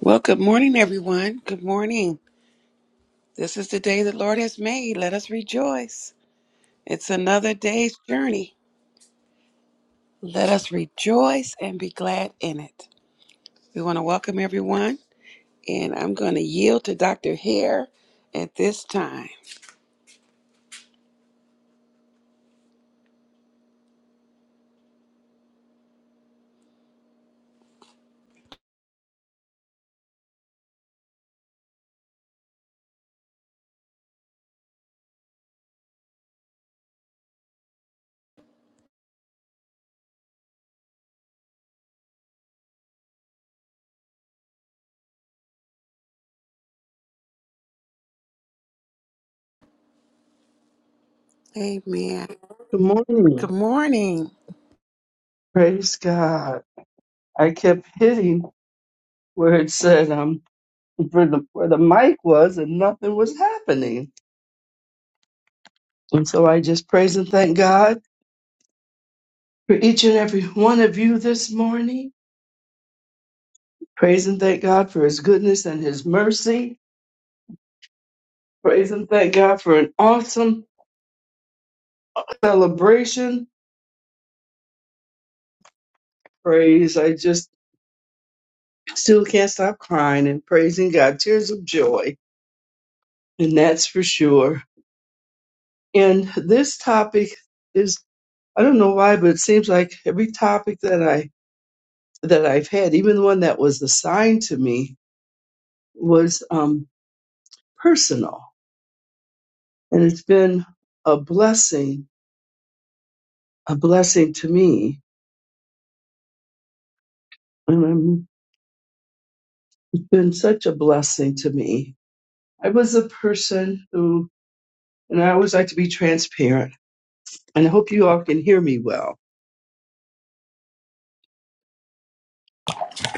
Well, good morning, everyone. Good morning. This is the day the Lord has made. Let us rejoice. It's another day's journey. Let us rejoice and be glad in it. We want to welcome everyone, and I'm going to yield to Dr. Hare at this time. Amen. Good morning. Good morning. Praise God. I kept hitting where it said um where the where the mic was and nothing was happening. And so I just praise and thank God for each and every one of you this morning. Praise and thank God for his goodness and his mercy. Praise and thank God for an awesome celebration. Praise. I just still can't stop crying and praising God. Tears of joy. And that's for sure. And this topic is. I don't know why, but it seems like every topic that I that I've had, even the one that was assigned to me, was um, personal, and it's been a blessing, a blessing to me, and it's been such a blessing to me. I was a person who, and I always like to be transparent, and I hope you all can hear me well.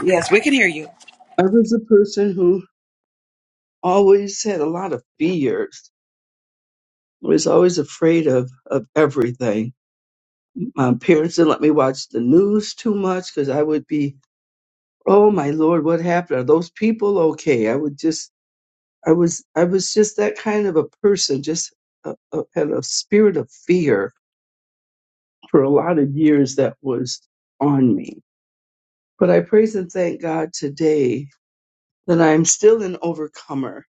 Yes, we can hear you. I was a person who always had a lot of fears, I was always afraid of of everything My parents didn't let me watch the news too much because I would be, oh my lord, what happened? Are those people okay? I would just, I was, I was just that kind of a person. Just a, a, had a spirit of fear for a lot of years that was on me. But I praise and thank God today that I'm still an overcomer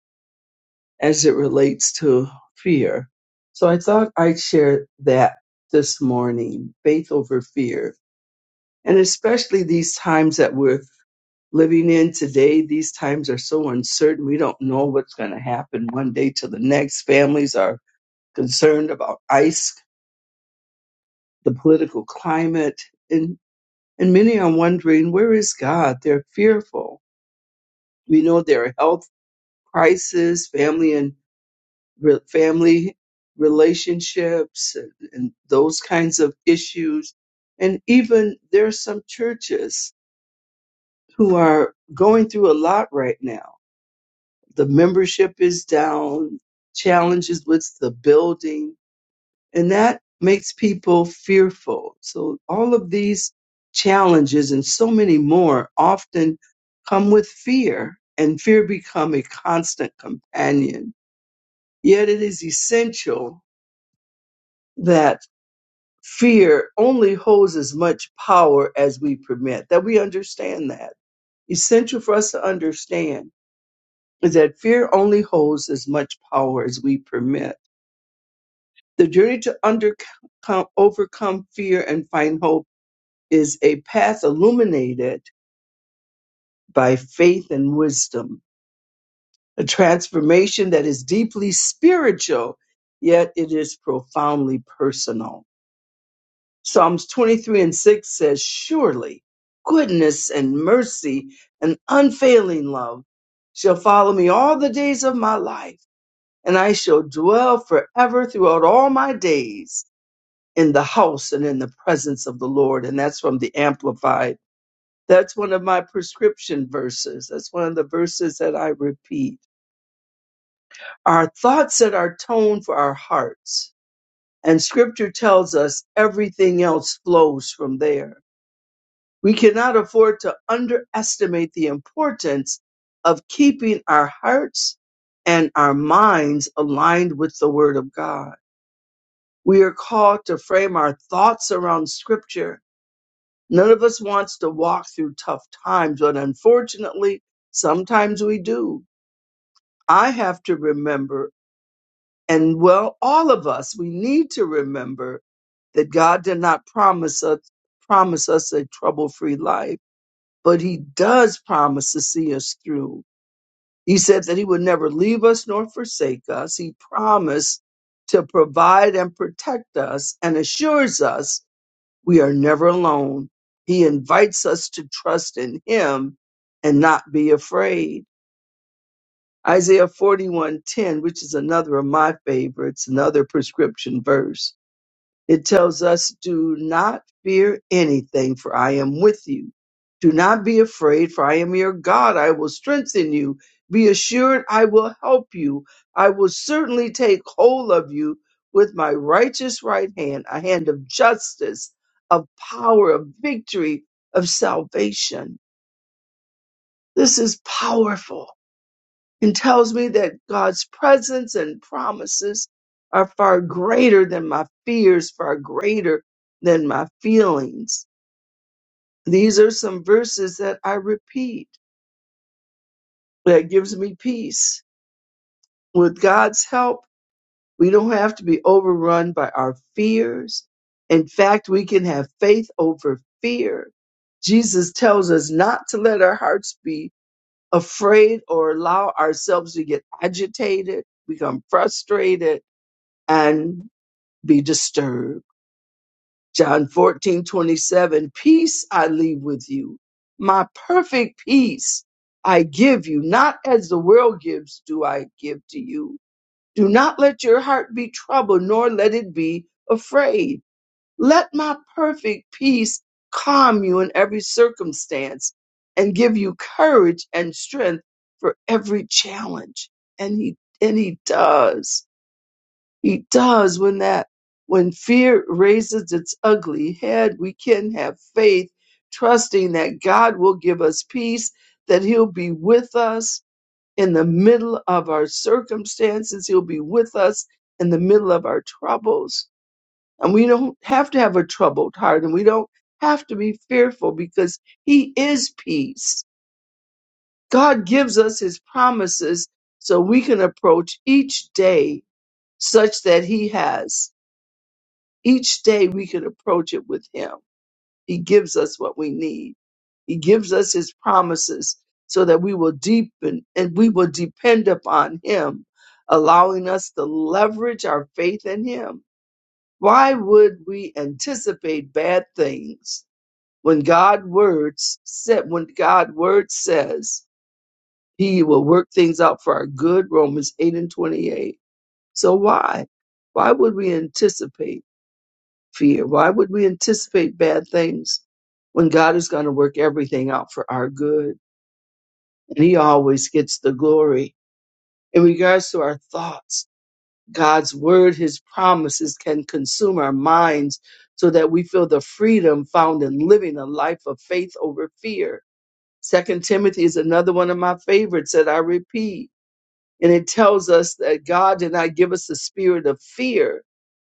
as it relates to fear. So I thought I'd share that this morning, faith over fear, and especially these times that we're living in today. These times are so uncertain. We don't know what's going to happen one day to the next. Families are concerned about ICE, the political climate, and, and many are wondering, where is God? They're fearful. We know there are health crises, family and re- family relationships, and, and those kinds of issues. And even there are some churches who are going through a lot right now the membership is down, challenges with the building, and that makes people fearful. So all of these challenges and so many more often come with fear and fear become a constant companion. Yet it is essential that fear only holds as much power as we permit, that we understand that. Essential for us to understand is that fear only holds as much power as we permit The journey to undercome, overcome fear and find hope is a path illuminated by faith and wisdom, a transformation that is deeply spiritual, yet it is profoundly personal. Psalms 23 and 6 says, Surely goodness and mercy and unfailing love shall follow me all the days of my life, and I shall dwell forever throughout all my days in the house and in the presence of the Lord. And that's from the Amplified. That's one of my prescription verses. That's one of the verses that I repeat. Our thoughts set our tone for our hearts. And scripture tells us everything else flows from there. We cannot afford to underestimate the importance of keeping our hearts and our minds aligned with the word of God. We are called to frame our thoughts around scripture None of us wants to walk through tough times, but unfortunately, sometimes we do. I have to remember, and well, all of us, we need to remember that God did not promise us promise us a trouble-free life, but he does promise to see us through. He said that he would never leave us nor forsake us. He promised to provide and protect us and assures us we are never alone. He invites us to trust in him and not be afraid. Isaiah 41:10, which is another of my favorites, another prescription verse it tells us, Do not fear anything, for I am with you. Do not be afraid, for I am your God. I will strengthen you. Be assured, I will help you. I will certainly take hold of you with my righteous right hand, a hand of justice, of power, of victory, of salvation. This is powerful and tells me that God's presence and promises are far greater than my fears, far greater than my feelings. These are some verses that I repeat that gives me peace. With God's help, we don't have to be overrun by our fears. In fact, we can have faith over fear. Jesus tells us not to let our hearts be afraid or allow ourselves to get agitated, become frustrated and be disturbed. John 14 27. peace I leave with you. My perfect peace I give you, not as the world gives, do I give to you. Do not let your heart be troubled, nor let it be afraid. Let my perfect peace calm you in every circumstance and give you courage and strength for every challenge. And he, and he does he does when that when fear raises its ugly head, we can have faith, trusting that God will give us peace, that He'll be with us in the middle of our circumstances, He'll be with us in the middle of our troubles. And we don't have to have a troubled heart and we don't have to be fearful because He is peace. God gives us His promises so we can approach each day such that He has. Each day we can approach it with Him. He gives us what we need. He gives us His promises so that we will deepen and we will depend upon Him, allowing us to leverage our faith in Him. Why would we anticipate bad things when God words said when God word says He will work things out for our good? Romans eight and twenty eight. So why? Why would we anticipate? fear? Why would we anticipate bad things when God is going to work everything out for our good? And He always gets the glory. In regards to our thoughts, God's word, His promises can consume our minds so that we feel the freedom found in living a life of faith over fear. Second Timothy is another one of my favorites that I repeat. And it tells us that God did not give us the spirit of fear,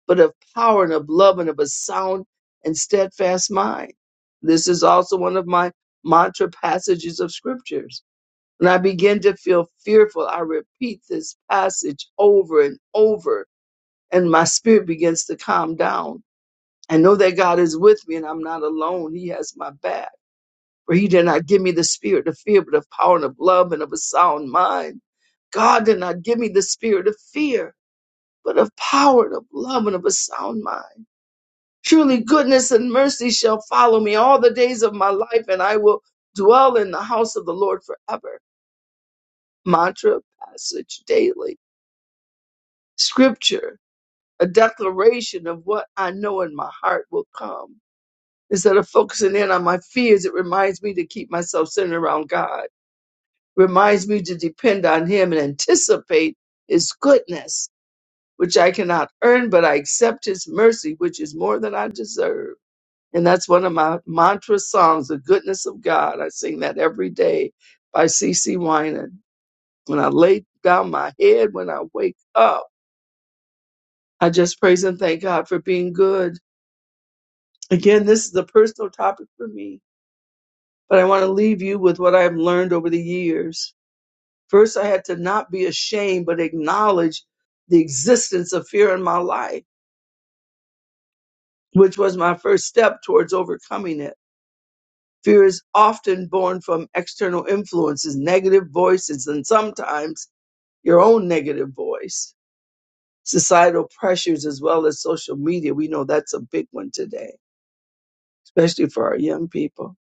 but of power and of love and of a sound and steadfast mind. This is also one of my mantra passages of scriptures. When I begin to feel fearful, I repeat this passage over and over, and my spirit begins to calm down. I know that God is with me and I'm not alone. He has my back. For he did not give me the spirit of fear, but of power and of love and of a sound mind. God did not give me the spirit of fear, but of power and of love and of a sound mind. Surely goodness and mercy shall follow me all the days of my life, and I will dwell in the house of the Lord forever. Mantra, passage daily, scripture, a declaration of what I know in my heart will come. Instead of focusing in on my fears, it reminds me to keep myself centered around God, reminds me to depend on Him and anticipate His goodness, which I cannot earn, but I accept His mercy, which is more than I deserve. And that's one of my mantra songs, The Goodness of God. I sing that every day by CeCe Winan. When I lay down my head, when I wake up, I just praise and thank God for being good. Again, this is a personal topic for me, but I want to leave you with what I've learned over the years. First, I had to not be ashamed, but acknowledge the existence of fear in my life, which was my first step towards overcoming it. Fear is often born from external influences, negative voices, and sometimes your own negative voice, societal pressures, as well as social media. We know that's a big one today, especially for our young people.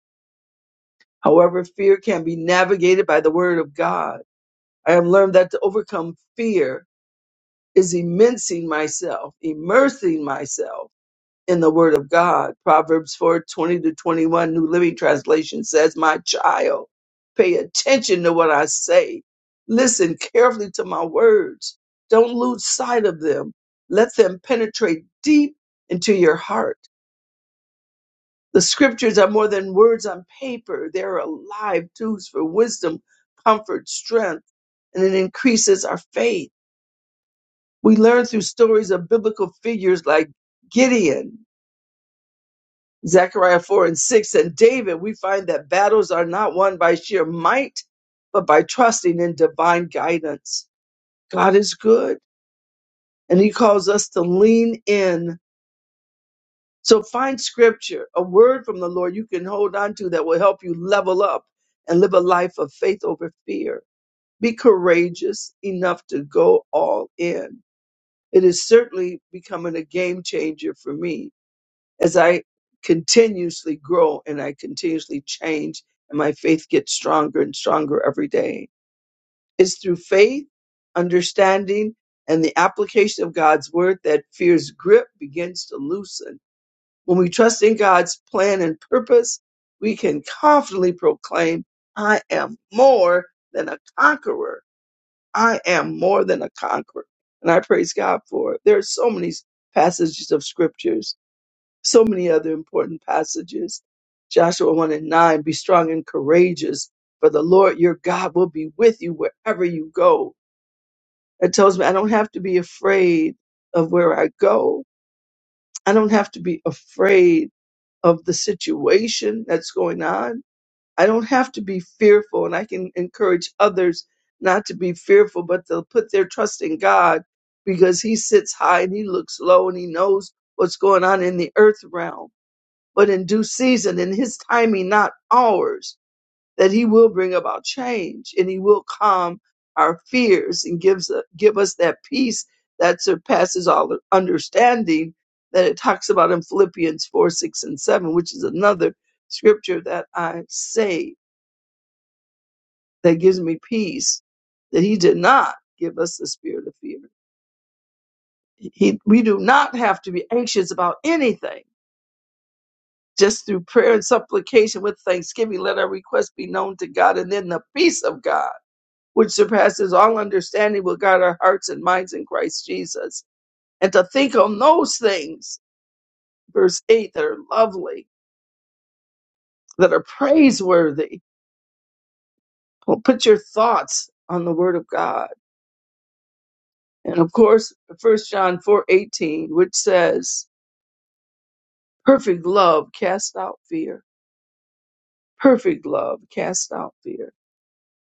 However, fear can be navigated by the word of God. I have learned that to overcome fear is immersing myself, immersing myself in the Word of God. Proverbs 420 to 21, New Living Translation says, My child, pay attention to what I say. Listen carefully to my words. Don't lose sight of them. Let them penetrate deep into your heart. The scriptures are more than words on paper, they're alive tools for wisdom, comfort, strength, and it increases our faith. We learn through stories of biblical figures like Gideon, Zechariah 4 and 6 and David, we find that battles are not won by sheer might, but by trusting in divine guidance. God is good and he calls us to lean in. So find scripture, a word from the Lord you can hold on to that will help you level up and live a life of faith over fear. Be courageous enough to go all in. It is certainly becoming a game changer for me as I continuously grow and I continuously change and my faith gets stronger and stronger every day. It's through faith, understanding, and the application of God's word that fear's grip begins to loosen. When we trust in God's plan and purpose, we can confidently proclaim, I am more than a conqueror. I am more than a conqueror. And I praise God for it. There are so many passages of scriptures so many other important passages. Joshua 1 and 9, be strong and courageous, for the Lord your God will be with you wherever you go. It tells me I don't have to be afraid of where I go. I don't have to be afraid of the situation that's going on. I don't have to be fearful, and I can encourage others not to be fearful, but they'll put their trust in God because He sits high and He looks low and He knows what's going on in the earth realm but in due season, in his timing, not ours, that he will bring about change and he will calm our fears and gives uh, give us that peace that surpasses all understanding that it talks about in Philippians 4, 6, and 7, which is another scripture that I say that gives me peace, that he did not give us the spirit of fear. He, we do not have to be anxious about anything Just through prayer and supplication with thanksgiving, let our requests be known to God. And then the peace of God, which surpasses all understanding, will guard our hearts and minds in Christ Jesus. And to think on those things, verse 8, that are lovely, that are praiseworthy. Well, put your thoughts on the word of God. And of course, First John 4 18, which says, Perfect love casts out fear. Perfect love casts out fear.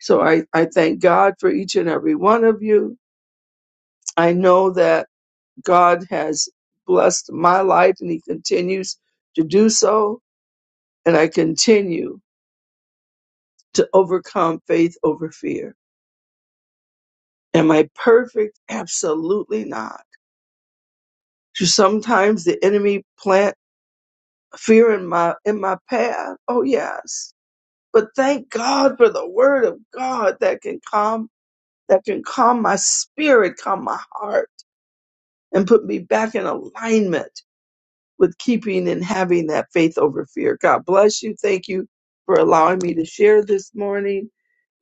So I, I thank God for each and every one of you. I know that God has blessed my life and He continues to do so. And I continue to overcome faith over fear. Am I perfect? Absolutely not. Do sometimes the enemy plant fear in my, in my path? Oh yes. But thank God for the word of God that can calm, that can calm my spirit, calm my heart and put me back in alignment with keeping and having that faith over fear. God bless you. Thank you for allowing me to share this morning.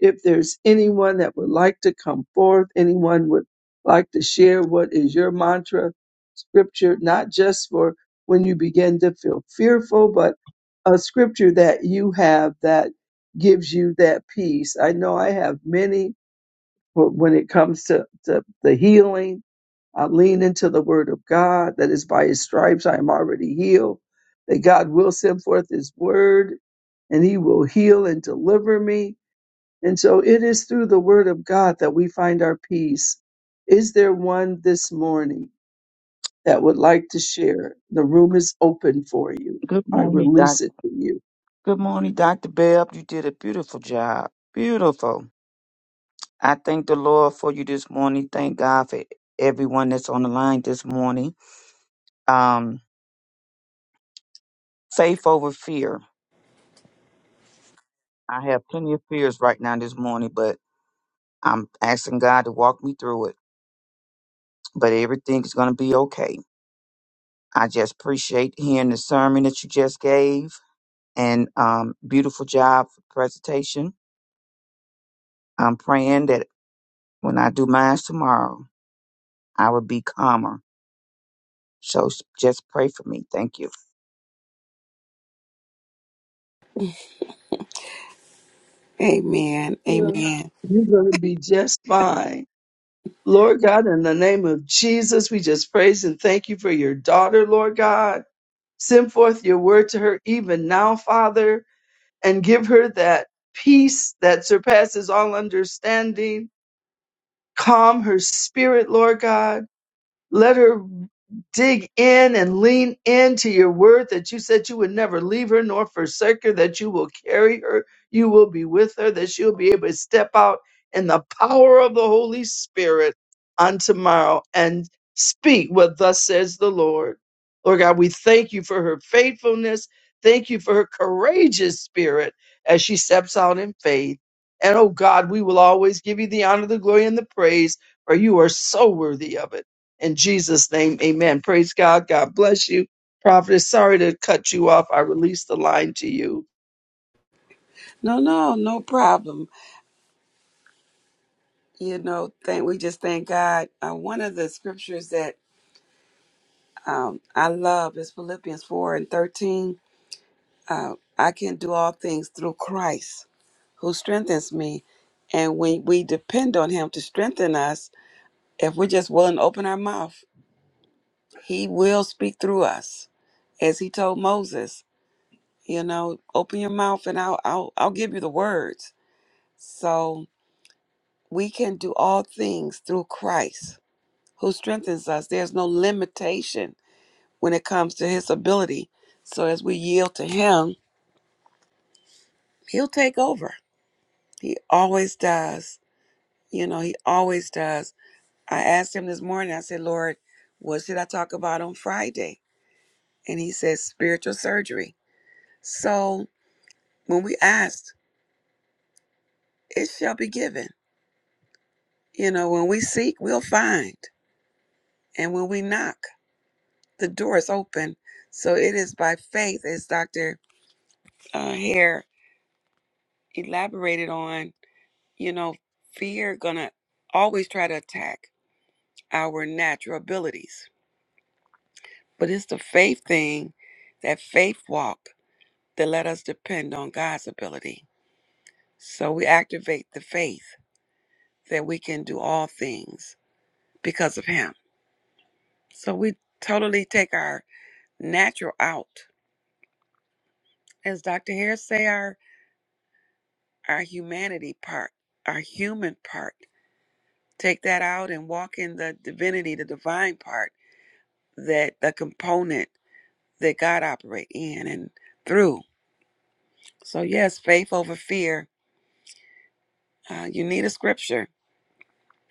If there's anyone that would like to come forth, anyone would like to share what is your mantra scripture, not just for when you begin to feel fearful, but a scripture that you have that gives you that peace. I know I have many for when it comes to, to the healing I lean into the word of God that is by his stripes I am already healed, that God will send forth his word and he will heal and deliver me. And so it is through the word of God that we find our peace. Is there one this morning that would like to share? The room is open for you. Good I morning, Doc. release it to you. Good morning, Dr. Bell. You did a beautiful job. Beautiful. I thank the Lord for you this morning. Thank God for everyone that's on the line this morning. Um, faith over fear. I have plenty of fears right now this morning, but I'm asking God to walk me through it. But everything is going to be okay. I just appreciate hearing the sermon that you just gave and um, beautiful job for presentation. I'm praying that when I do mine tomorrow, I will be calmer So just pray for me. Thank you. Amen. Yeah. Amen. You're going to be just fine. Lord God, in the name of Jesus, we just praise and thank you for your daughter, Lord God. Send forth your word to her even now, Father, and give her that peace that surpasses all understanding. Calm her spirit, Lord God let her dig in and lean into your word that you said you would never leave her nor forsake her, that you will carry her, you will be with her, that she'll be able to step out in the power of the Holy Spirit on tomorrow and speak what thus says the Lord. Lord God, we thank you for her faithfulness. Thank you for her courageous spirit as she steps out in faith. And oh God, we will always give you the honor, the glory, and the praise, for you are so worthy of it. In Jesus' name, amen. Praise God. God bless you. Prophetess, sorry to cut you off. I released the line to you. No, no, no problem. You know, thank we just thank God. Uh, one of the scriptures that um, I love is Philippians four and thirteen uh, I can do all things through Christ who strengthens me. And when we depend on Him to strengthen us, if we're just willing to open our mouth, He will speak through us. As He told Moses, you know, open your mouth and I'll, I'll, I'll give you the words. So we can do all things through Christ who strengthens us. There's no limitation when it comes to His ability. So as we yield to Him, He'll take over. He always does. You know, he always does. I asked him this morning, I said, Lord, what should I talk about on Friday? And he said, spiritual surgery. So when we ask, it shall be given. You know, when we seek, we'll find. And when we knock, the door is open. So it is by faith, as Dr. Uh, Hare elaborated on, you know, fear gonna always try to attack our natural abilities. But it's the faith thing, that faith walk that let us depend on God's ability. So we activate the faith that we can do all things because of Him. So we totally take our natural out, as Dr. Harris say, our our humanity part, our human part. Take that out and walk in the divinity, the divine part, that the component that God operate in and through. So yes, faith over fear. Uh, you need a scripture.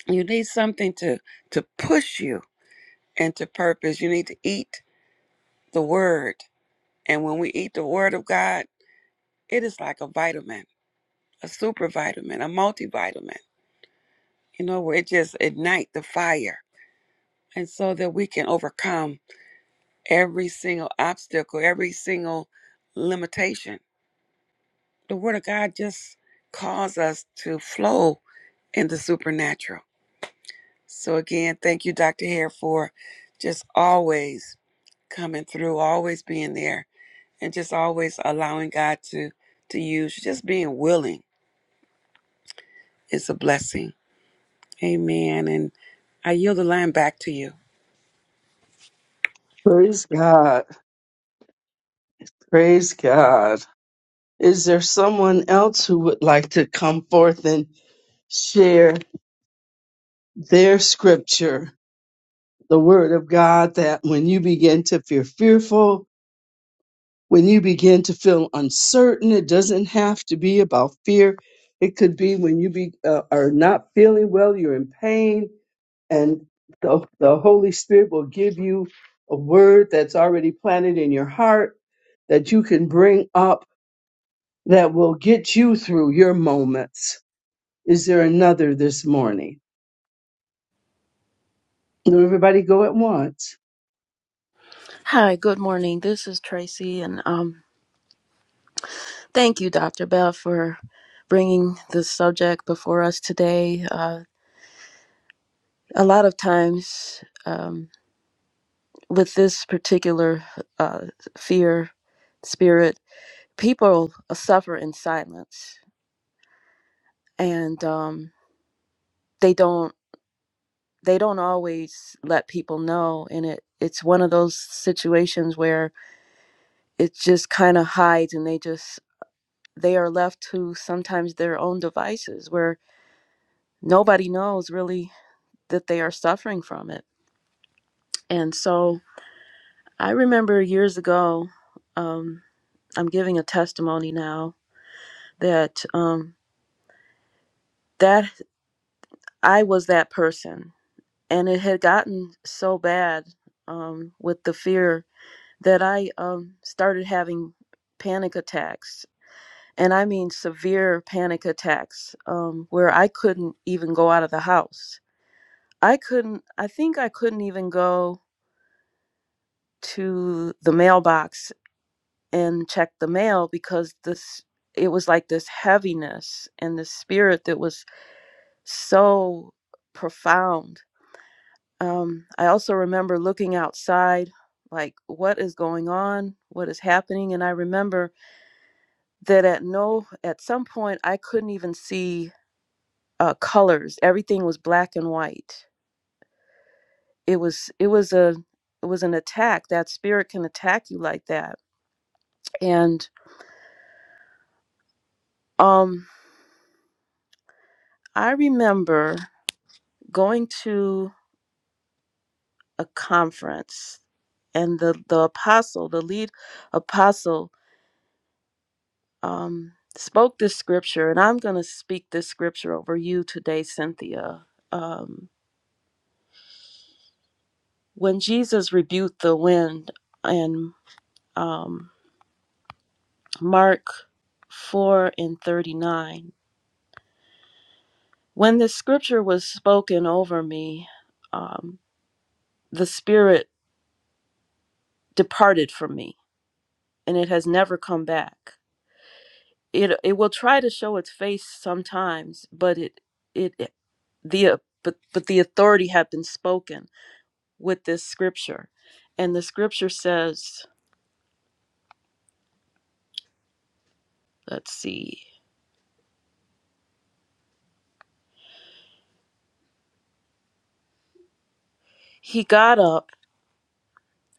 You need something to to push you and to purpose. You need to eat the word. And when we eat the word of God, it is like a vitamin, a super vitamin, a multivitamin, you know, where it just ignites the fire. And so that we can overcome every single obstacle, every single limitation. The word of God just calls us to flow in the supernatural. So again, thank you, Dr. Hare, for just always coming through, always being there and just always allowing God to to use just being willing is a blessing. Amen. And I yield the line back to you. Praise God. Praise God. Is there someone else who would like to come forth and share their scripture, the word of God, that when you begin to feel fearful, when you begin to feel uncertain, it doesn't have to be about fear. It could be when you be, uh, are not feeling well, you're in pain, and the, the Holy Spirit will give you a word that's already planted in your heart that you can bring up that will get you through your moments. Is there another this morning? Let everybody go at once. Hi, good morning. This is Tracy, and um, thank you, Dr. Bell, for bringing this subject before us today. Uh, a lot of times, um, with this particular uh, fear spirit, people suffer in silence, and um, they don't they don't always let people know. And it it's one of those situations where it just kind of hides, and they just they are left to sometimes their own devices where nobody knows really that they are suffering from it. And so I remember years ago, um, I'm giving a testimony now that um, that I was that person, and it had gotten so bad um, with the fear that I um, started having panic attacks. And I mean severe panic attacks um, where I couldn't even go out of the house. I couldn't, I think I couldn't even go to the mailbox and check the mail because this it was like this heaviness and this spirit that was so profound um, i also remember looking outside like what is going on what is happening and i remember that at no at some point i couldn't even see uh, colors everything was black and white it was it was a it was an attack that spirit can attack you like that and um i remember going to a conference, and the, the apostle, the lead apostle, um, spoke this scripture, and I'm going to speak this scripture over you today, Cynthia. Um, when Jesus rebuked the wind in um, Mark 4 and 39, when this scripture was spoken over me, um, the spirit departed from me, and it has never come back. it it will try to show its face sometimes but it it it- the uh, but but the authority had been spoken with this scripture and the scripture says let's see he got up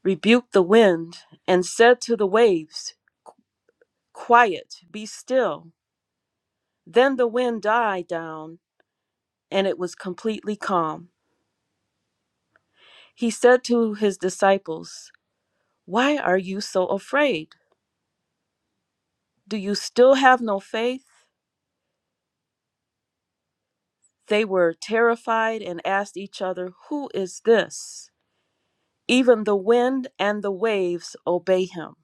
rebuked the wind and said to the waves quiet be still then the wind died down and it was completely calm he said to his disciples why are you so afraid do you still have no faith They were terrified and asked each other, Who is this? Even the wind and the waves obey him.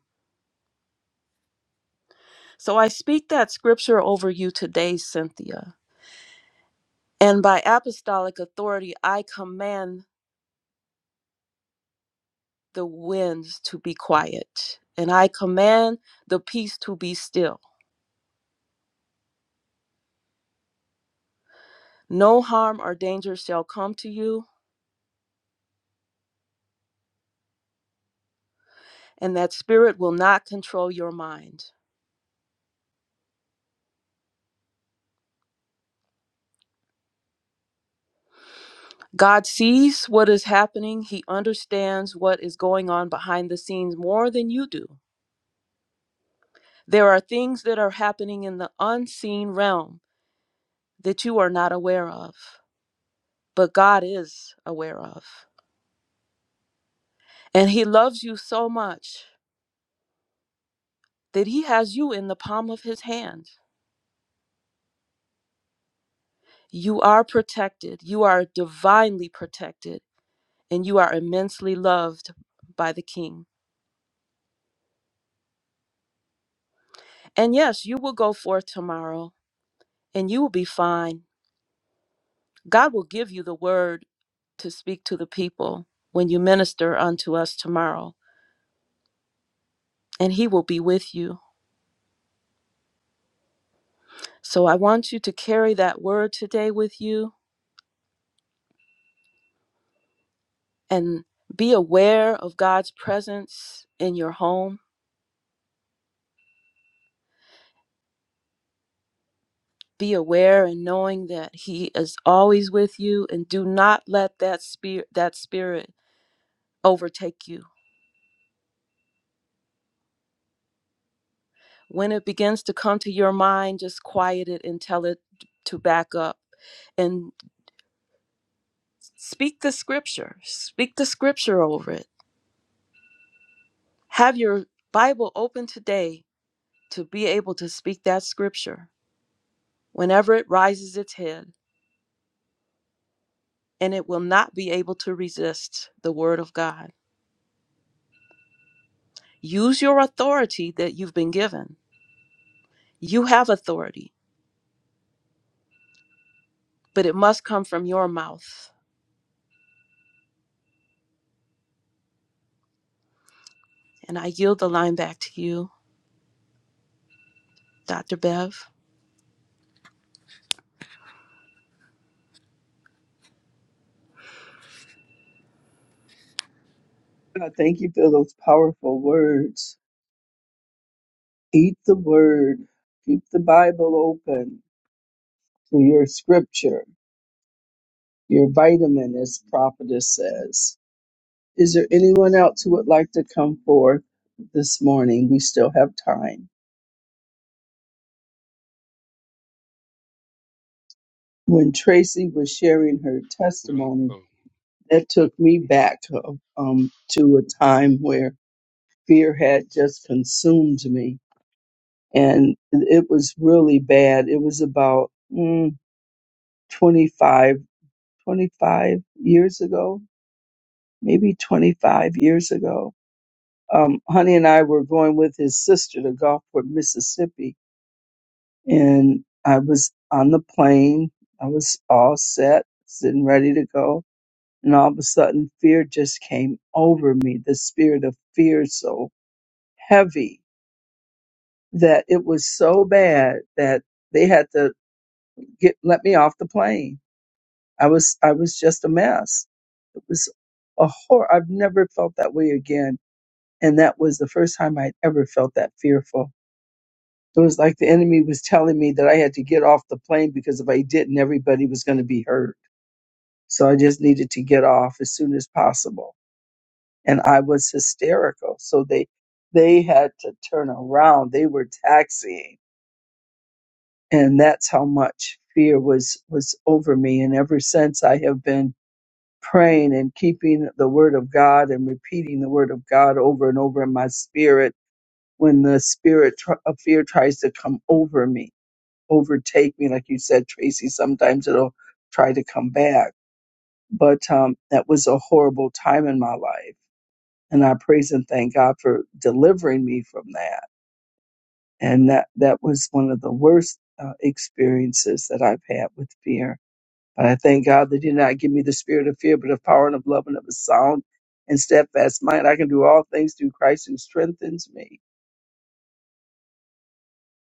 So I speak that scripture over you today, Cynthia. And by apostolic authority, I command the winds to be quiet, and I command the peace to be still. No harm or danger shall come to you, and that spirit will not control your mind. God sees what is happening. He understands what is going on behind the scenes more than you do. There are things that are happening in the unseen realm that you are not aware of, but God is aware of. And He loves you so much that He has you in the palm of His hand. You are protected, you are divinely protected, and you are immensely loved by the King. And yes, you will go forth tomorrow and you will be fine God will give you the word to speak to the people when you minister unto us tomorrow, and He will be with you. So I want you to carry that word today with you and be aware of God's presence in your home. Be aware and knowing that He is always with you, and do not let that spirit that spirit overtake you. When it begins to come to your mind, just quiet it and tell it to back up and. Speak the scripture. Speak the scripture over it. Have your Bible open today to be able to speak that scripture whenever it rises its head, and it will not be able to resist the word of God. Use your authority that you've been given. You have authority, but it must come from your mouth. And I yield the line back to you, Dr. Bev. God, thank you for those powerful words. Eat the word. Keep the Bible open to your scripture, your vitamin, as prophetess says. Is there anyone else who would like to come forth this morning? We still have time. when Tracy was sharing her No. testimony, Oh, that took me back um, to a time where fear had just consumed me. And it was really bad. It was about mm, 25, twenty-five years ago, maybe 25 years ago. Um, Honey and I were going with his sister to Gulfport, Mississippi. And I was on the plane. I was all set, sitting ready to go And all of a sudden, fear just came over me. The spirit of fear so heavy that it was so bad that they had to get let me off the plane. I was I was just a mess. It was a horror. I've never felt that way again. And that was the first time I'd ever felt that fearful. It was like the enemy was telling me that I had to get off the plane because if I didn't, everybody was going to be hurt. So I just needed to get off as soon as possible and I was hysterical. So they they had to turn around. They were taxiing, and that's how much fear was was over me. And ever since, I have been praying and keeping the word of God and repeating the word of God over and over in my spirit when the spirit tr- of fear tries to come over me, overtake me, like you said, Tracy. Sometimes it'll try to come back. But um, that was a horrible time in my life And I praise and thank God for delivering me from that. And that, that was one of the worst uh, experiences that I've had with fear. But I thank God that He did not give me the spirit of fear, but of power and of love and of a sound and steadfast mind. I can do all things through Christ who strengthens me.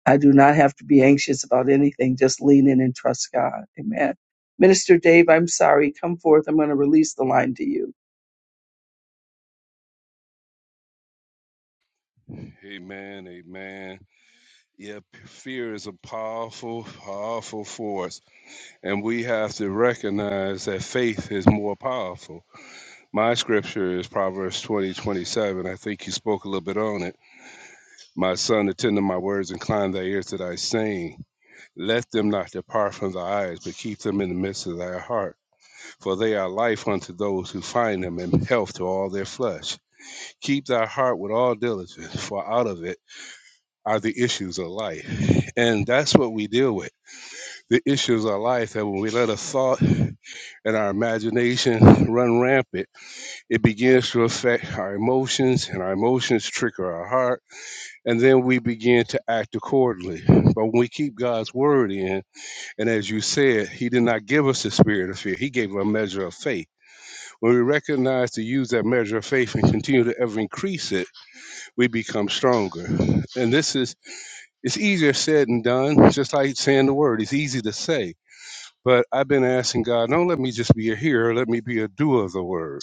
I do not have to be anxious about anything. Just lean in and trust God. Amen. Minister Dave, I'm sorry. Come forth. I'm going to release the line to you. amen, amen. Yeah, fear is a powerful, powerful force, and we have to recognize that faith is more powerful. My scripture is Proverbs twenty twenty seven. I think you spoke a little bit on it. My son, attend to my words, incline thy ears to thy saying. Let them not depart from thy eyes, but keep them in the midst of thy heart. For they are life unto those who find them, and health to all their flesh. Keep thy heart with all diligence, for out of it are the issues of life. And that's what we deal with the issues of life that when we let a thought and our imagination run rampant, it begins to affect our emotions, and our emotions trigger our heart, and then we begin to act accordingly. But when we keep God's word in, and as you said, He did not give us the spirit of fear, He gave us a measure of faith. When we recognize to use that measure of faith and continue to ever increase it, we become stronger. And this is It's easier said than done, just like saying the word. It's easy to say. But I've been asking God, don't let me just be a hearer, let me be a doer of the word.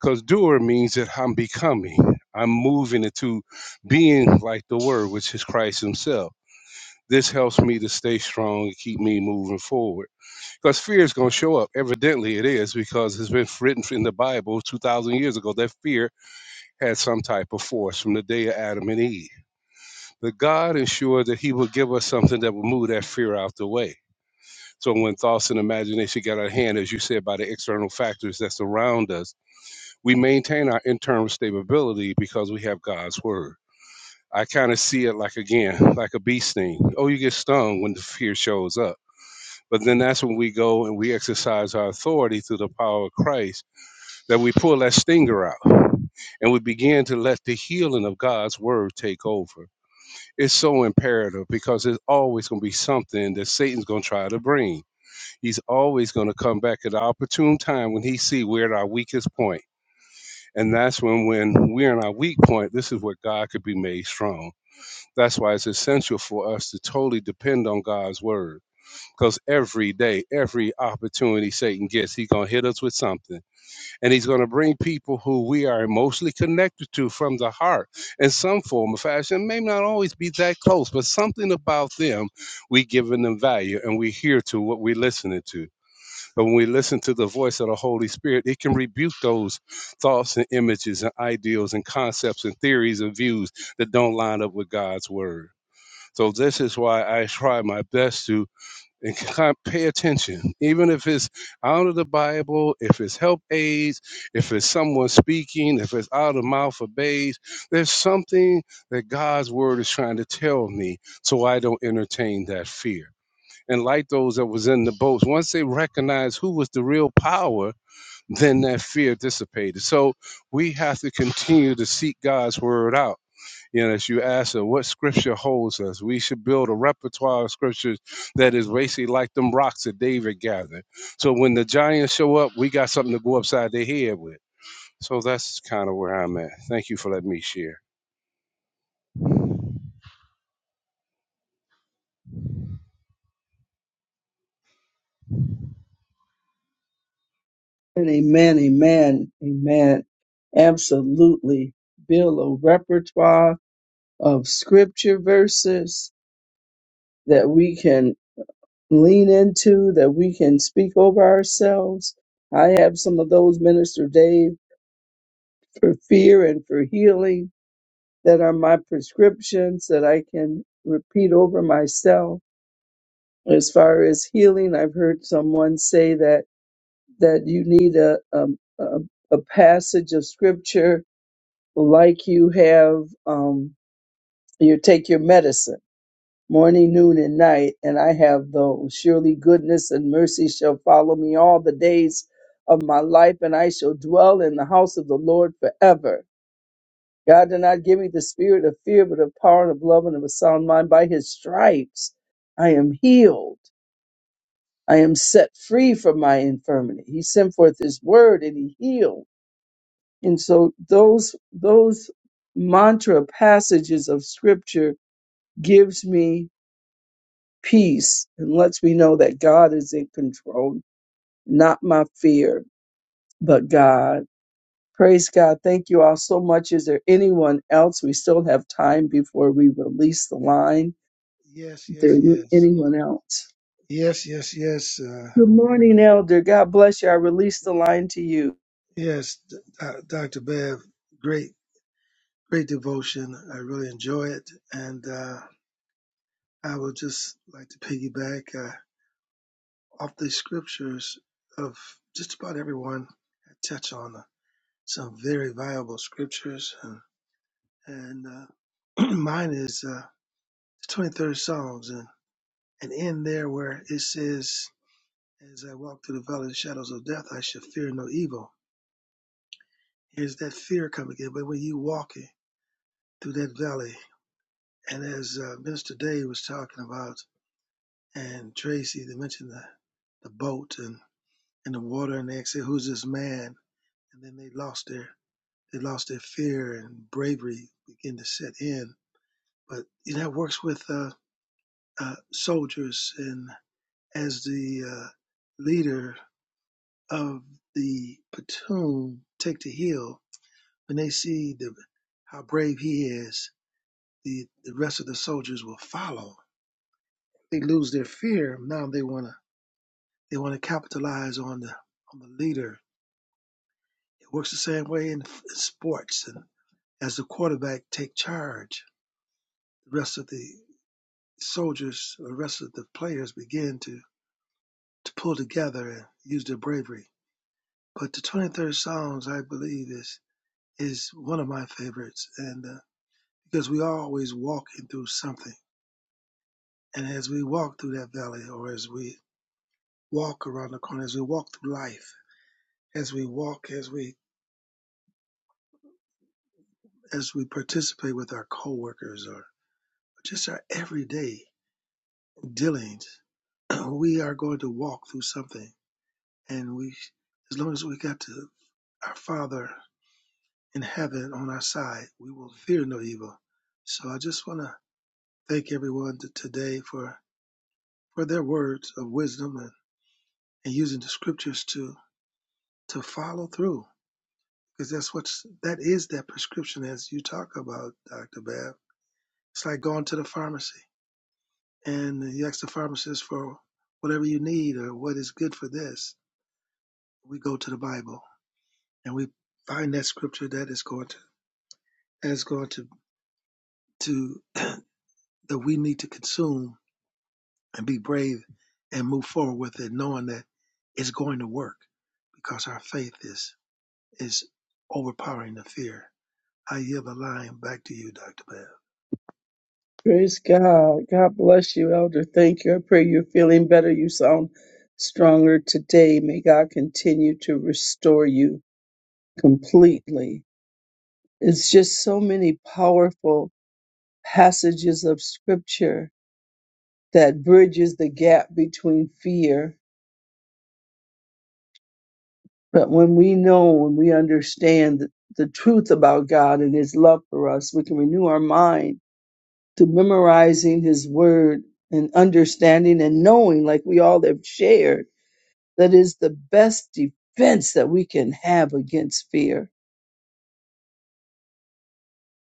Because doer means that I'm becoming, I'm moving into being like the word, which is Christ Himself. This helps me to stay strong and keep me moving forward. Because fear is going to show up. Evidently, it is, because it's been written in the Bible 2,000 years ago that fear had some type of force from the day of Adam and Eve that God is sure that He will give us something that will move that fear out the way. So when thoughts and imagination get out of hand, as you said, by the external factors that surround us, we maintain our internal stability because we have God's word. I kind of see it like again, like a bee sting. Oh, you get stung when the fear shows up. But then that's when we go and we exercise our authority through the power of Christ, that we pull that stinger out and we begin to let the healing of God's word take over it's so imperative because there's always going to be something that Satan's going to try to bring. He's always going to come back at the opportune time when he see we're at our weakest point. And that's when when we're in our weak point, this is where God could be made strong. That's why it's essential for us to totally depend on God's word. Because every day, every opportunity Satan gets, he's going to hit us with something and he's going to bring people who we are emotionally connected to from the heart in some form or fashion It may not always be that close but something about them we giving them value and we hear to what we're listening to but when we listen to the voice of the holy spirit it can rebuke those thoughts and images and ideals and concepts and theories and views that don't line up with god's word so this is why i try my best to and kind of pay attention, even if it's out of the Bible, if it's help aids, if it's someone speaking, if it's out of the mouth of babes. There's something that God's word is trying to tell me so I don't entertain that fear. And like those that was in the boats, once they recognized who was the real power, then that fear dissipated. So we have to continue to seek God's word out you know, as you ask her what scripture holds us, we should build a repertoire of scriptures that is basically like them rocks that David gathered. So when the giants show up, we got something to go upside their head with. So that's kind of where I'm at. Thank you for letting me share. And amen, amen, amen. Absolutely. Build a repertoire of scripture verses that we can lean into, that we can speak over ourselves. I have some of those, Minister Dave, for fear and for healing that are my prescriptions that I can repeat over myself. As far as healing, I've heard someone say that that you need a, a, a a passage of scripture like you have um you take your medicine morning noon and night and i have those surely goodness and mercy shall follow me all the days of my life and i shall dwell in the house of the lord forever god did not give me the spirit of fear but of power and of love and of a sound mind by his stripes i am healed i am set free from my infirmity he sent forth his word and he healed And so those those mantra passages of scripture gives me peace and lets me know that God is in control, not my fear, but God. Praise God. Thank you all so much. Is there anyone else? We still have time before we release the line. Yes, Is there yes, yes. anyone else? Yes, yes, yes. Uh, Good morning, Elder. God bless you. I release the line to you. yes, D- uh, Dr. Bev, great, great devotion. I really enjoy it. And uh, I would just like to piggyback uh, off the scriptures of just about everyone. I Touch on uh, some very valuable scriptures. And, and uh, mine is uh, the 23rd Psalms. And, and in there where it says, As I walk through the valley of the shadows of death, I shall fear no evil Here's that fear coming in, But when you walking through that valley, and as uh, Minister Dave was talking about, and Tracy, they mentioned the, the boat and, and the water, and they said, "Who's this man?" And then they lost their they lost their fear and bravery began to set in. But you know, that works with uh, uh, soldiers, and as the uh, leader of the platoon, take the hill when they see the how brave he is the, the rest of the soldiers will follow. They lose their fear. Now they wanna they wanna capitalize on the on the leader. It works the same way in, in sports, and as the quarterback take charge, the rest of the soldiers, the rest of the players begin to to pull together and use their bravery. But the 23rd Psalms, I believe, is is one of my favorites, and uh, because we are always walking through something, and as we walk through that valley, or as we walk around the corner, as we walk through life as we walk, as we as we participate with our coworkers or just our everyday dealings, we are going to walk through something. And we as long as we got to our Father in heaven on our side, we will fear no evil. So I just wanna thank everyone today for for their words of wisdom and, and using the scriptures to to follow through. Because that's what's that is that prescription as you talk about, Dr. Bab. It's like going to the pharmacy and he asks the pharmacist for whatever you need or what is good for this. We go to the Bible and we find that scripture that is going to that is going to to that we need to consume and be brave and move forward with it, knowing that it's going to work because our faith is is overpowering the fear. I yield the line back to you, Doctor Bell. Praise God. God bless you, Elder. Thank you. I pray you're feeling better. You sound stronger today. May God continue to restore you completely. It's just so many powerful passages of scripture that bridges the gap between fear. But when we know, when we understand the, the truth about God and his love for us, we can renew our mind to memorizing his word and understanding and knowing like we all have shared That is the best defense that we can have against fear.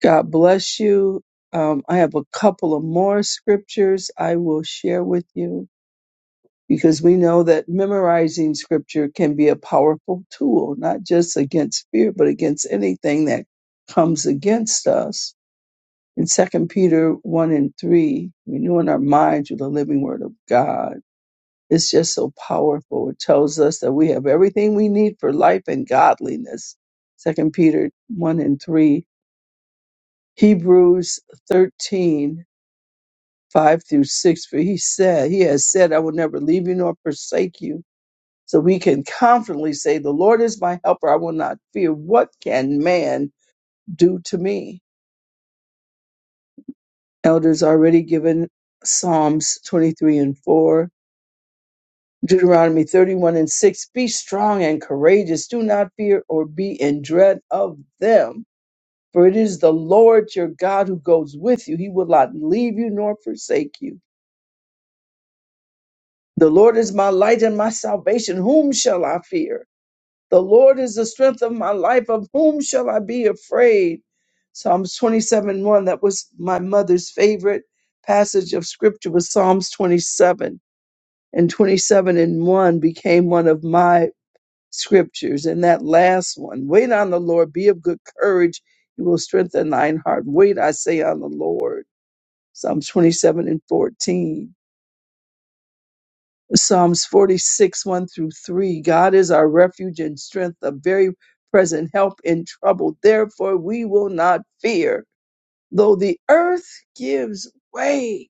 God bless you. Um, I have a couple of more scriptures I will share with you because we know that memorizing scripture can be a powerful tool, not just against fear, but against anything that comes against us. In Second Peter 1 and 3, renewing our minds with the living word of God It's just so powerful. It tells us that we have everything we need for life and godliness. Second Peter 1 and 3. Hebrews 13 5 through 6. For he said, He has said, I will never leave you nor forsake you. So we can confidently say, The Lord is my helper. I will not fear. What can man do to me? Elders already given Psalms 23 and 4. Deuteronomy 31 and 6 Be strong and courageous. Do not fear or be in dread of them. For it is the Lord your God who goes with you. He will not leave you nor forsake you. The Lord is my light and my salvation. Whom shall I fear? The Lord is the strength of my life. Of whom shall I be afraid? Psalms 27 1. That was my mother's favorite passage of scripture was Psalms 27 and 27 and 1 became one of my scriptures. And that last one, wait on the Lord, be of good courage. He will strengthen thine heart. Wait, I say, on the Lord. Psalms 27 and 14. Psalms 46, 1 through 3. God is our refuge and strength, a very present help in trouble. Therefore, we will not fear, though the earth gives way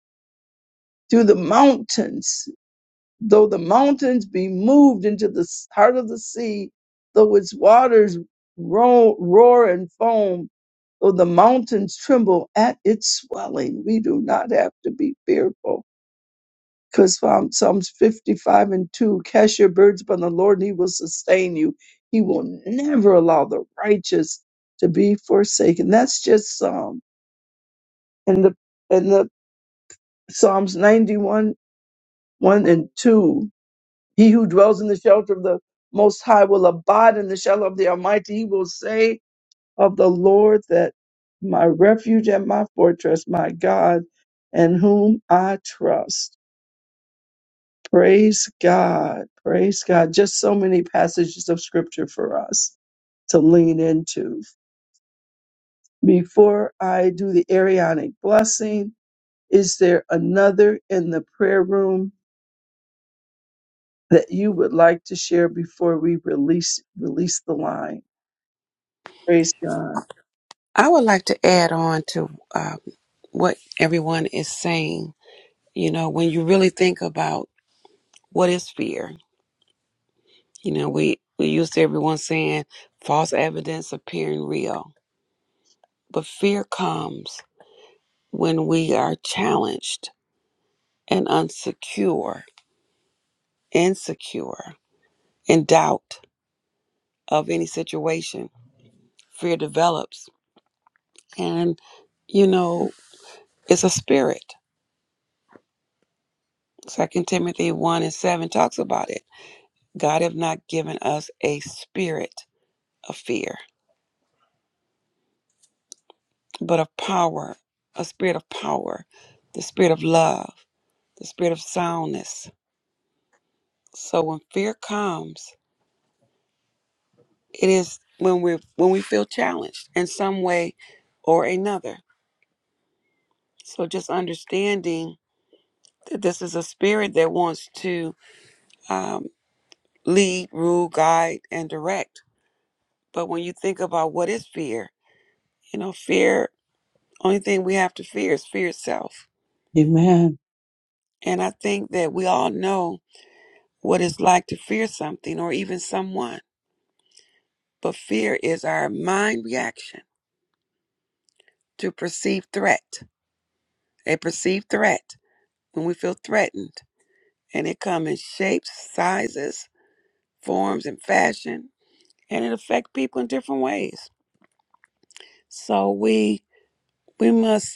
to the mountains Though the mountains be moved into the s- heart of the sea, though its waters roar, roar and foam, though the mountains tremble at its swelling, we do not have to be fearful. Because um, Psalms 55 and 2, cast your burdens upon the Lord and he will sustain you. He will never allow the righteous to be forsaken. That's just Psalm. And the, and the Psalms 91, 1 and 2 He who dwells in the shelter of the Most High will abide in the shelter of the Almighty. He will say of the Lord that my refuge and my fortress, my God, in whom I trust. Praise God. Praise God. Just so many passages of scripture for us to lean into. Before I do the Arianic blessing, is there another in the prayer room that you would like to share before we release release the line? Praise God. I would like to add on to uh, what everyone is saying. You know, when you really think about what is fear, you know, we we used to everyone saying false evidence appearing real, but fear comes when we are challenged and unsecure, insecure, in doubt of any situation fear develops. And, you know, it's a spirit. Second Timothy 1 and 7 talks about it. God have not given us a spirit of fear, but of power, a spirit of power, the spirit of love, the spirit of soundness. So when fear comes, it is when we when we feel challenged in some way or another. So just understanding that this is a spirit that wants to um, lead, rule, guide, and direct. But when you think about what is fear, you know, fear, only thing we have to fear is fear itself. Amen. And I think that we all know what it's like to fear something or even someone. But fear is our mind reaction to perceived threat, a perceived threat when we feel threatened. And it comes in shapes, sizes, forms, and fashion. And it affects people in different ways. So we we must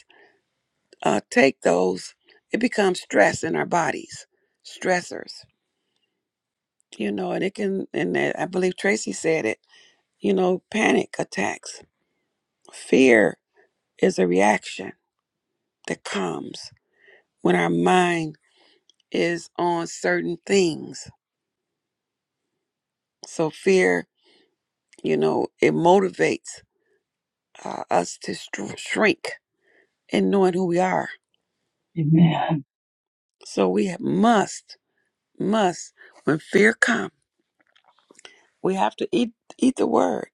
uh, take those, it becomes stress in our bodies, stressors, you know, and it can, and I believe Tracy said it, you know, panic attacks. Fear is a reaction that comes when our mind is on certain things. So fear, you know, it motivates uh, us to str- shrink in knowing who we are. Amen. So we must, must, when fear comes, We have to eat eat the word.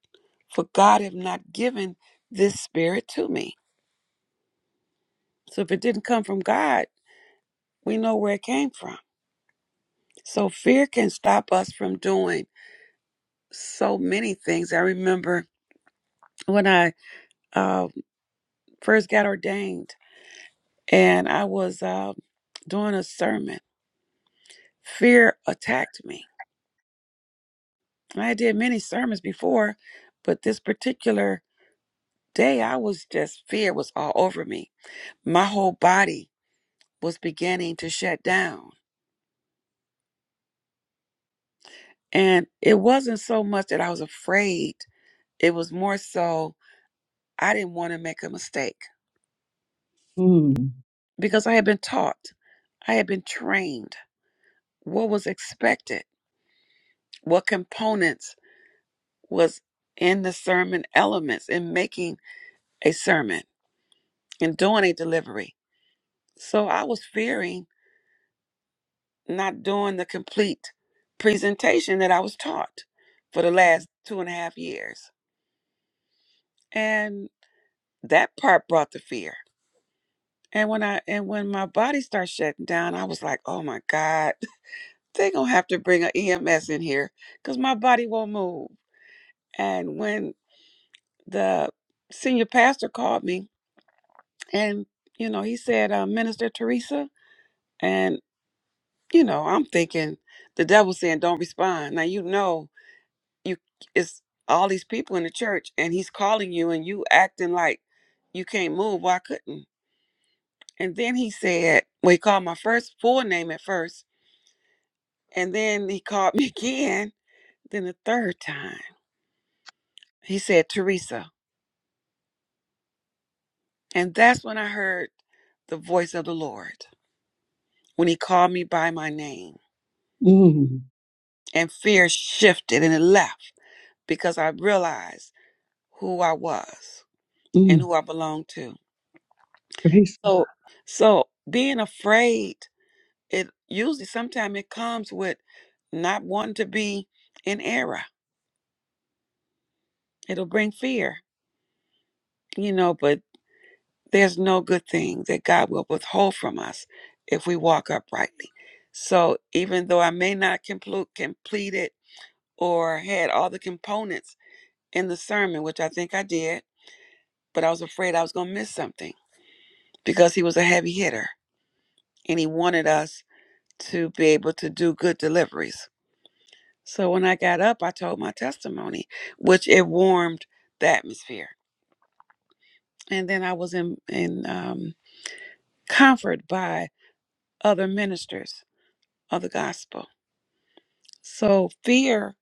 For God have not given this spirit to me. So if it didn't come from God, we know where it came from. So fear can stop us from doing so many things. I remember when I uh, first got ordained and I was uh, doing a sermon, fear attacked me. And I did many sermons before, but this particular day, I was just, fear was all over me. My whole body was beginning to shut down And it wasn't so much that I was afraid, it was more so I didn't want to make a mistake Mm, because I had been taught, I had been trained what was expected, what components was in the sermon elements in making a sermon and doing a delivery. So I was fearing not doing the complete presentation that I was taught for the last two and a half years. And that part brought the fear. And when I and when my body starts shutting down, I was like, "Oh my God, they gonna have to bring an EMS in here because my body won't move." And when the senior pastor called me, and you know, he said, uh, "Minister Teresa," and you know, I'm thinking the devil's saying, "Don't respond." Now you know you it's all these people in the church, and he's calling you, and you acting like you can't move. Why couldn't? And then he said, well, he called my first full name at first. And then he called me again, then the third time. He said, Teresa. And that's when I heard the voice of the Lord when he called me by my name. mm, And fear shifted and it left because I realized who I was and mm. who I belonged to. Praise. So so being afraid, it usually sometimes it comes with not wanting to be in error. It'll bring fear, you know, but there's no good thing that God will withhold from us if we walk uprightly. So even though I may not complete, complete it or had all the components in the sermon, which I think I did, but I was afraid I was going to miss something because he was a heavy hitter and he wanted us to be able to do good deliveries. So when I got up, I told my testimony, which it warmed the atmosphere. And then I was in, in um, comfort by other ministers of the gospel So fear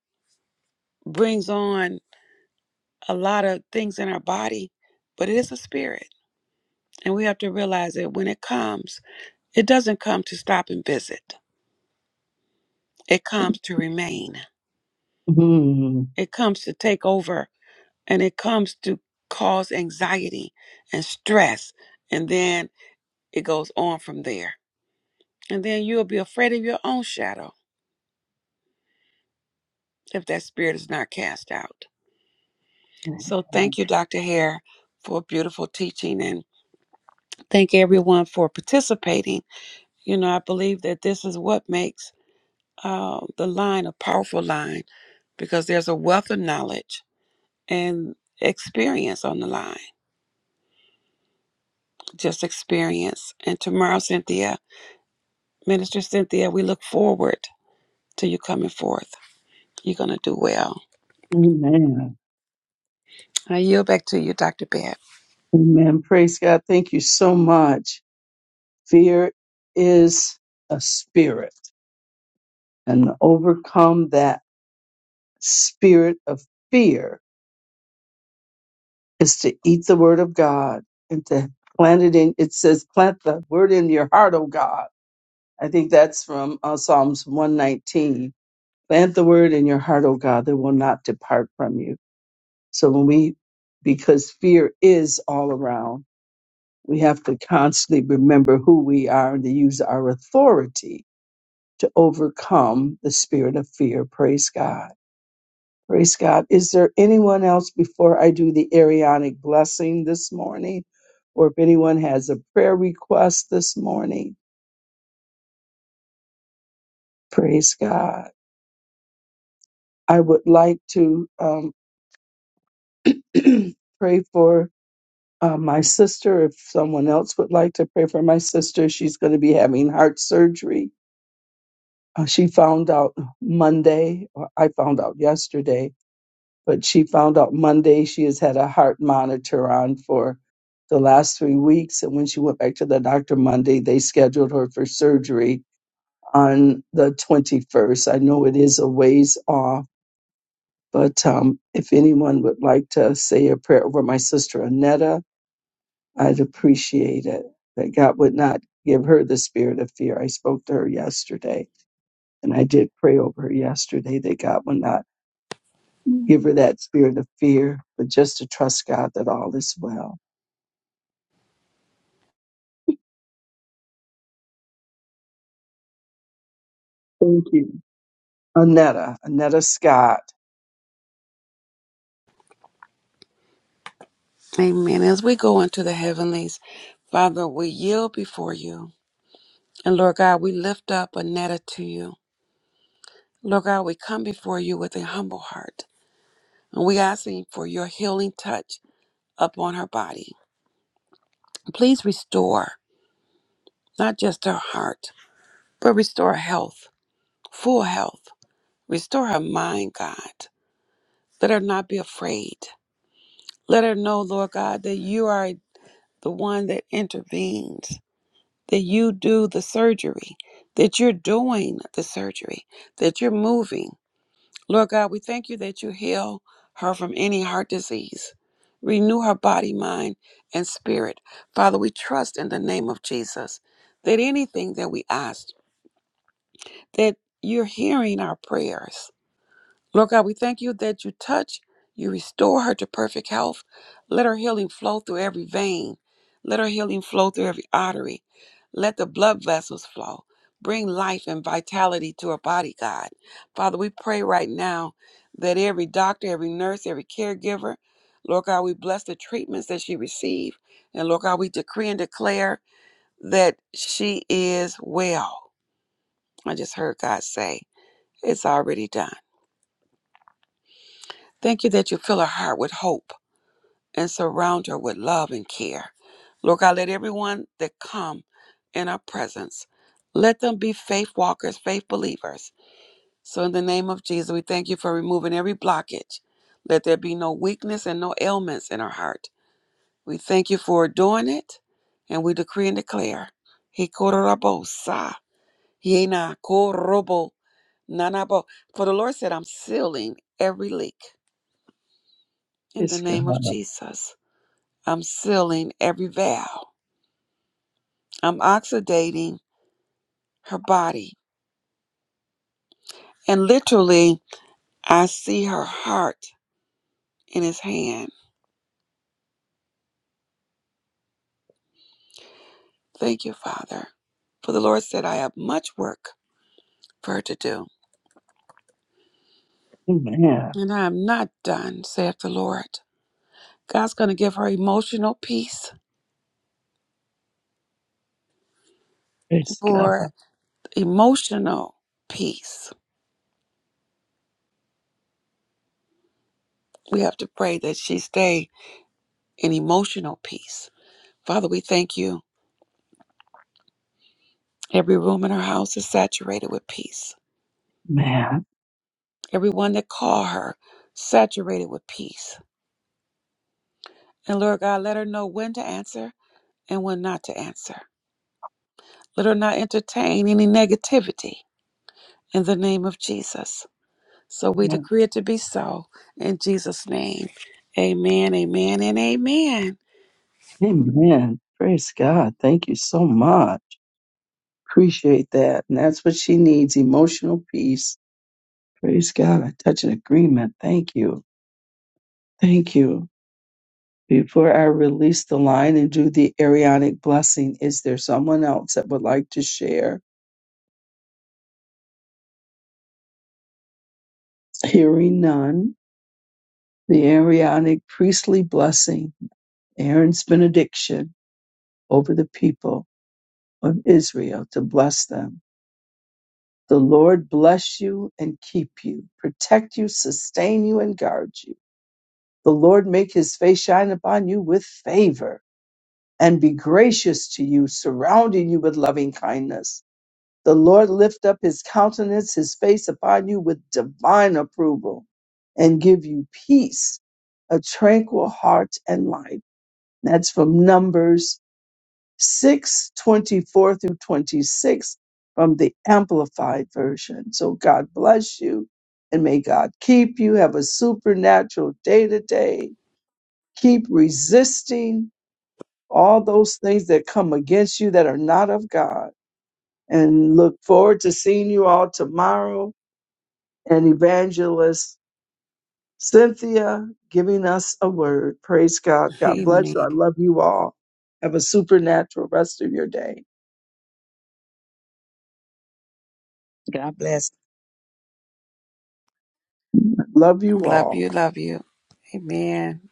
brings on a lot of things in our body, but it is a spirit. And we have to realize that when it comes, it doesn't come to stop and visit. It comes to remain. Mm. It comes to take over and it comes to cause anxiety and stress. And then it goes on from there. And then you'll be afraid of your own shadow if that spirit is not cast out. So thank you, Dr. Hare, for a beautiful teaching and thank everyone for participating You know, I believe that this is what makes uh, the line a powerful line because there's a wealth of knowledge and experience on the line, just experience. And tomorrow, Cynthia, Minister Cynthia, we look forward to you coming forth. You're going to do well. Amen. I yield back to you, Dr. Babb. Amen. Praise God. Thank you so much. Fear is a spirit, and to overcome that spirit of fear is to eat the word of God and to plant it in. It says, plant the word in your heart, O God. I think that's from uh, Psalms 119. Plant the word in your heart, O God, that will not depart from you. So when we, because fear is all around, we have to constantly remember who we are and to use our authority to overcome the spirit of fear. Praise God. Praise God. Is there anyone else before I do the Arianic blessing this morning? Or if anyone has a prayer request this morning, praise God. I would like to um, pray for uh, my sister, if someone else would like to pray for my sister, she's going to be having heart surgery. Uh, she found out Monday, or I found out yesterday, but she found out Monday she has had a heart monitor on for the last three weeks. And when she went back to the doctor Monday, they scheduled her for surgery on the 21st. I know it is a ways off, but um, if anyone would like to say a prayer over my sister, Anetta. I'd appreciate it that God would not give her the spirit of fear. I spoke to her yesterday and I did pray over her yesterday that God would not give her that spirit of fear, but just to trust God that all is well. Thank you. Anetta, Anetta Scott. Amen. As we go into the heavenlies, Father, we yield before you. And Lord God, we lift up Annetta to you. Lord God, we come before you with a humble heart. And we asking for your healing touch upon her body. Please restore not just her heart, but restore her health, full health. Restore her mind, God. Let her not be afraid. Let her know, Lord God, that you are the one that intervenes, that you do the surgery, that you're doing the surgery, that you're moving. Lord God, we thank you that you heal her from any heart disease. Renew her body, mind, and spirit. Father, we trust in the name of Jesus that anything that we ask, that you're hearing our prayers Lord God, we thank you that you touch, you restore her to perfect health. Let her healing flow through every vein. Let her healing flow through every artery. Let the blood vessels flow. Bring life and vitality to her body, God. Father, we pray right now that every doctor, every nurse, every caregiver, Lord God, we bless the treatments that she received. And Lord God, we decree and declare that she is well. I just heard God say, it's already done. Thank you that you fill her heart with hope and surround her with love and care. Lord God, let everyone that come in our presence, let them be faith walkers, faith believers. So in the name of Jesus, we thank you for removing every blockage. Let there be no weakness and no ailments in our heart. We thank you for doing it, and we decree and declare. Hikorobosa, yena korobo, nanabo. For the Lord said, I'm sealing every leak in the Praise God. name of Jesus. I'm sealing every vow. I'm oxidating her body. And literally, I see her heart in his hand. Thank you, Father. For the Lord said, I have much work for her to do. Amen. And I am not done, saith the Lord. God's going to give her emotional peace. Praise God. For emotional peace, we have to pray that she stay in emotional peace. Father, we thank you. Every room in her house is saturated with peace. Man. Everyone that call her, saturated with peace And Lord God, let her know when to answer and when not to answer. Let her not entertain any negativity in the name of Jesus. So we Amen. decree it to be so in Jesus' name. Amen, amen, and amen. Amen. Praise God. Thank you so much. Appreciate that. And that's what she needs emotional peace. Praise God. I touch an agreement. Thank you. Thank you. Before I release the line and do the Arianic blessing, is there someone else that would like to share? Hearing none, the Arianic priestly blessing, Aaron's benediction over the people of Israel to bless them. The Lord bless you and keep you, protect you, sustain you, and guard you. The Lord make his face shine upon you with favor and be gracious to you, surrounding you with loving kindness The Lord lift up his countenance, his face upon you with divine approval and give you peace, a tranquil heart and life. That's from Numbers 6 24 through 26 from the Amplified Version. So God bless you and may God keep you. Have a supernatural day today. Keep resisting all those things that come against you that are not of God and look forward to seeing you all tomorrow and evangelist Cynthia giving us a word. Praise God. God bless you. Amen. I love you all. Have a supernatural rest of your day. God bless. I love you Love all. you, love you. Amen.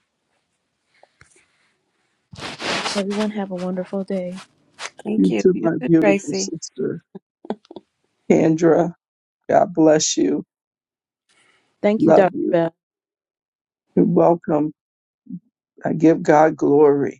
Everyone have a wonderful day. Thank You you. too, You my too, beautiful Tracy. sister, Kendra. God bless you. Thank you, Love Dr. you. Bev. You're welcome. I give God glory.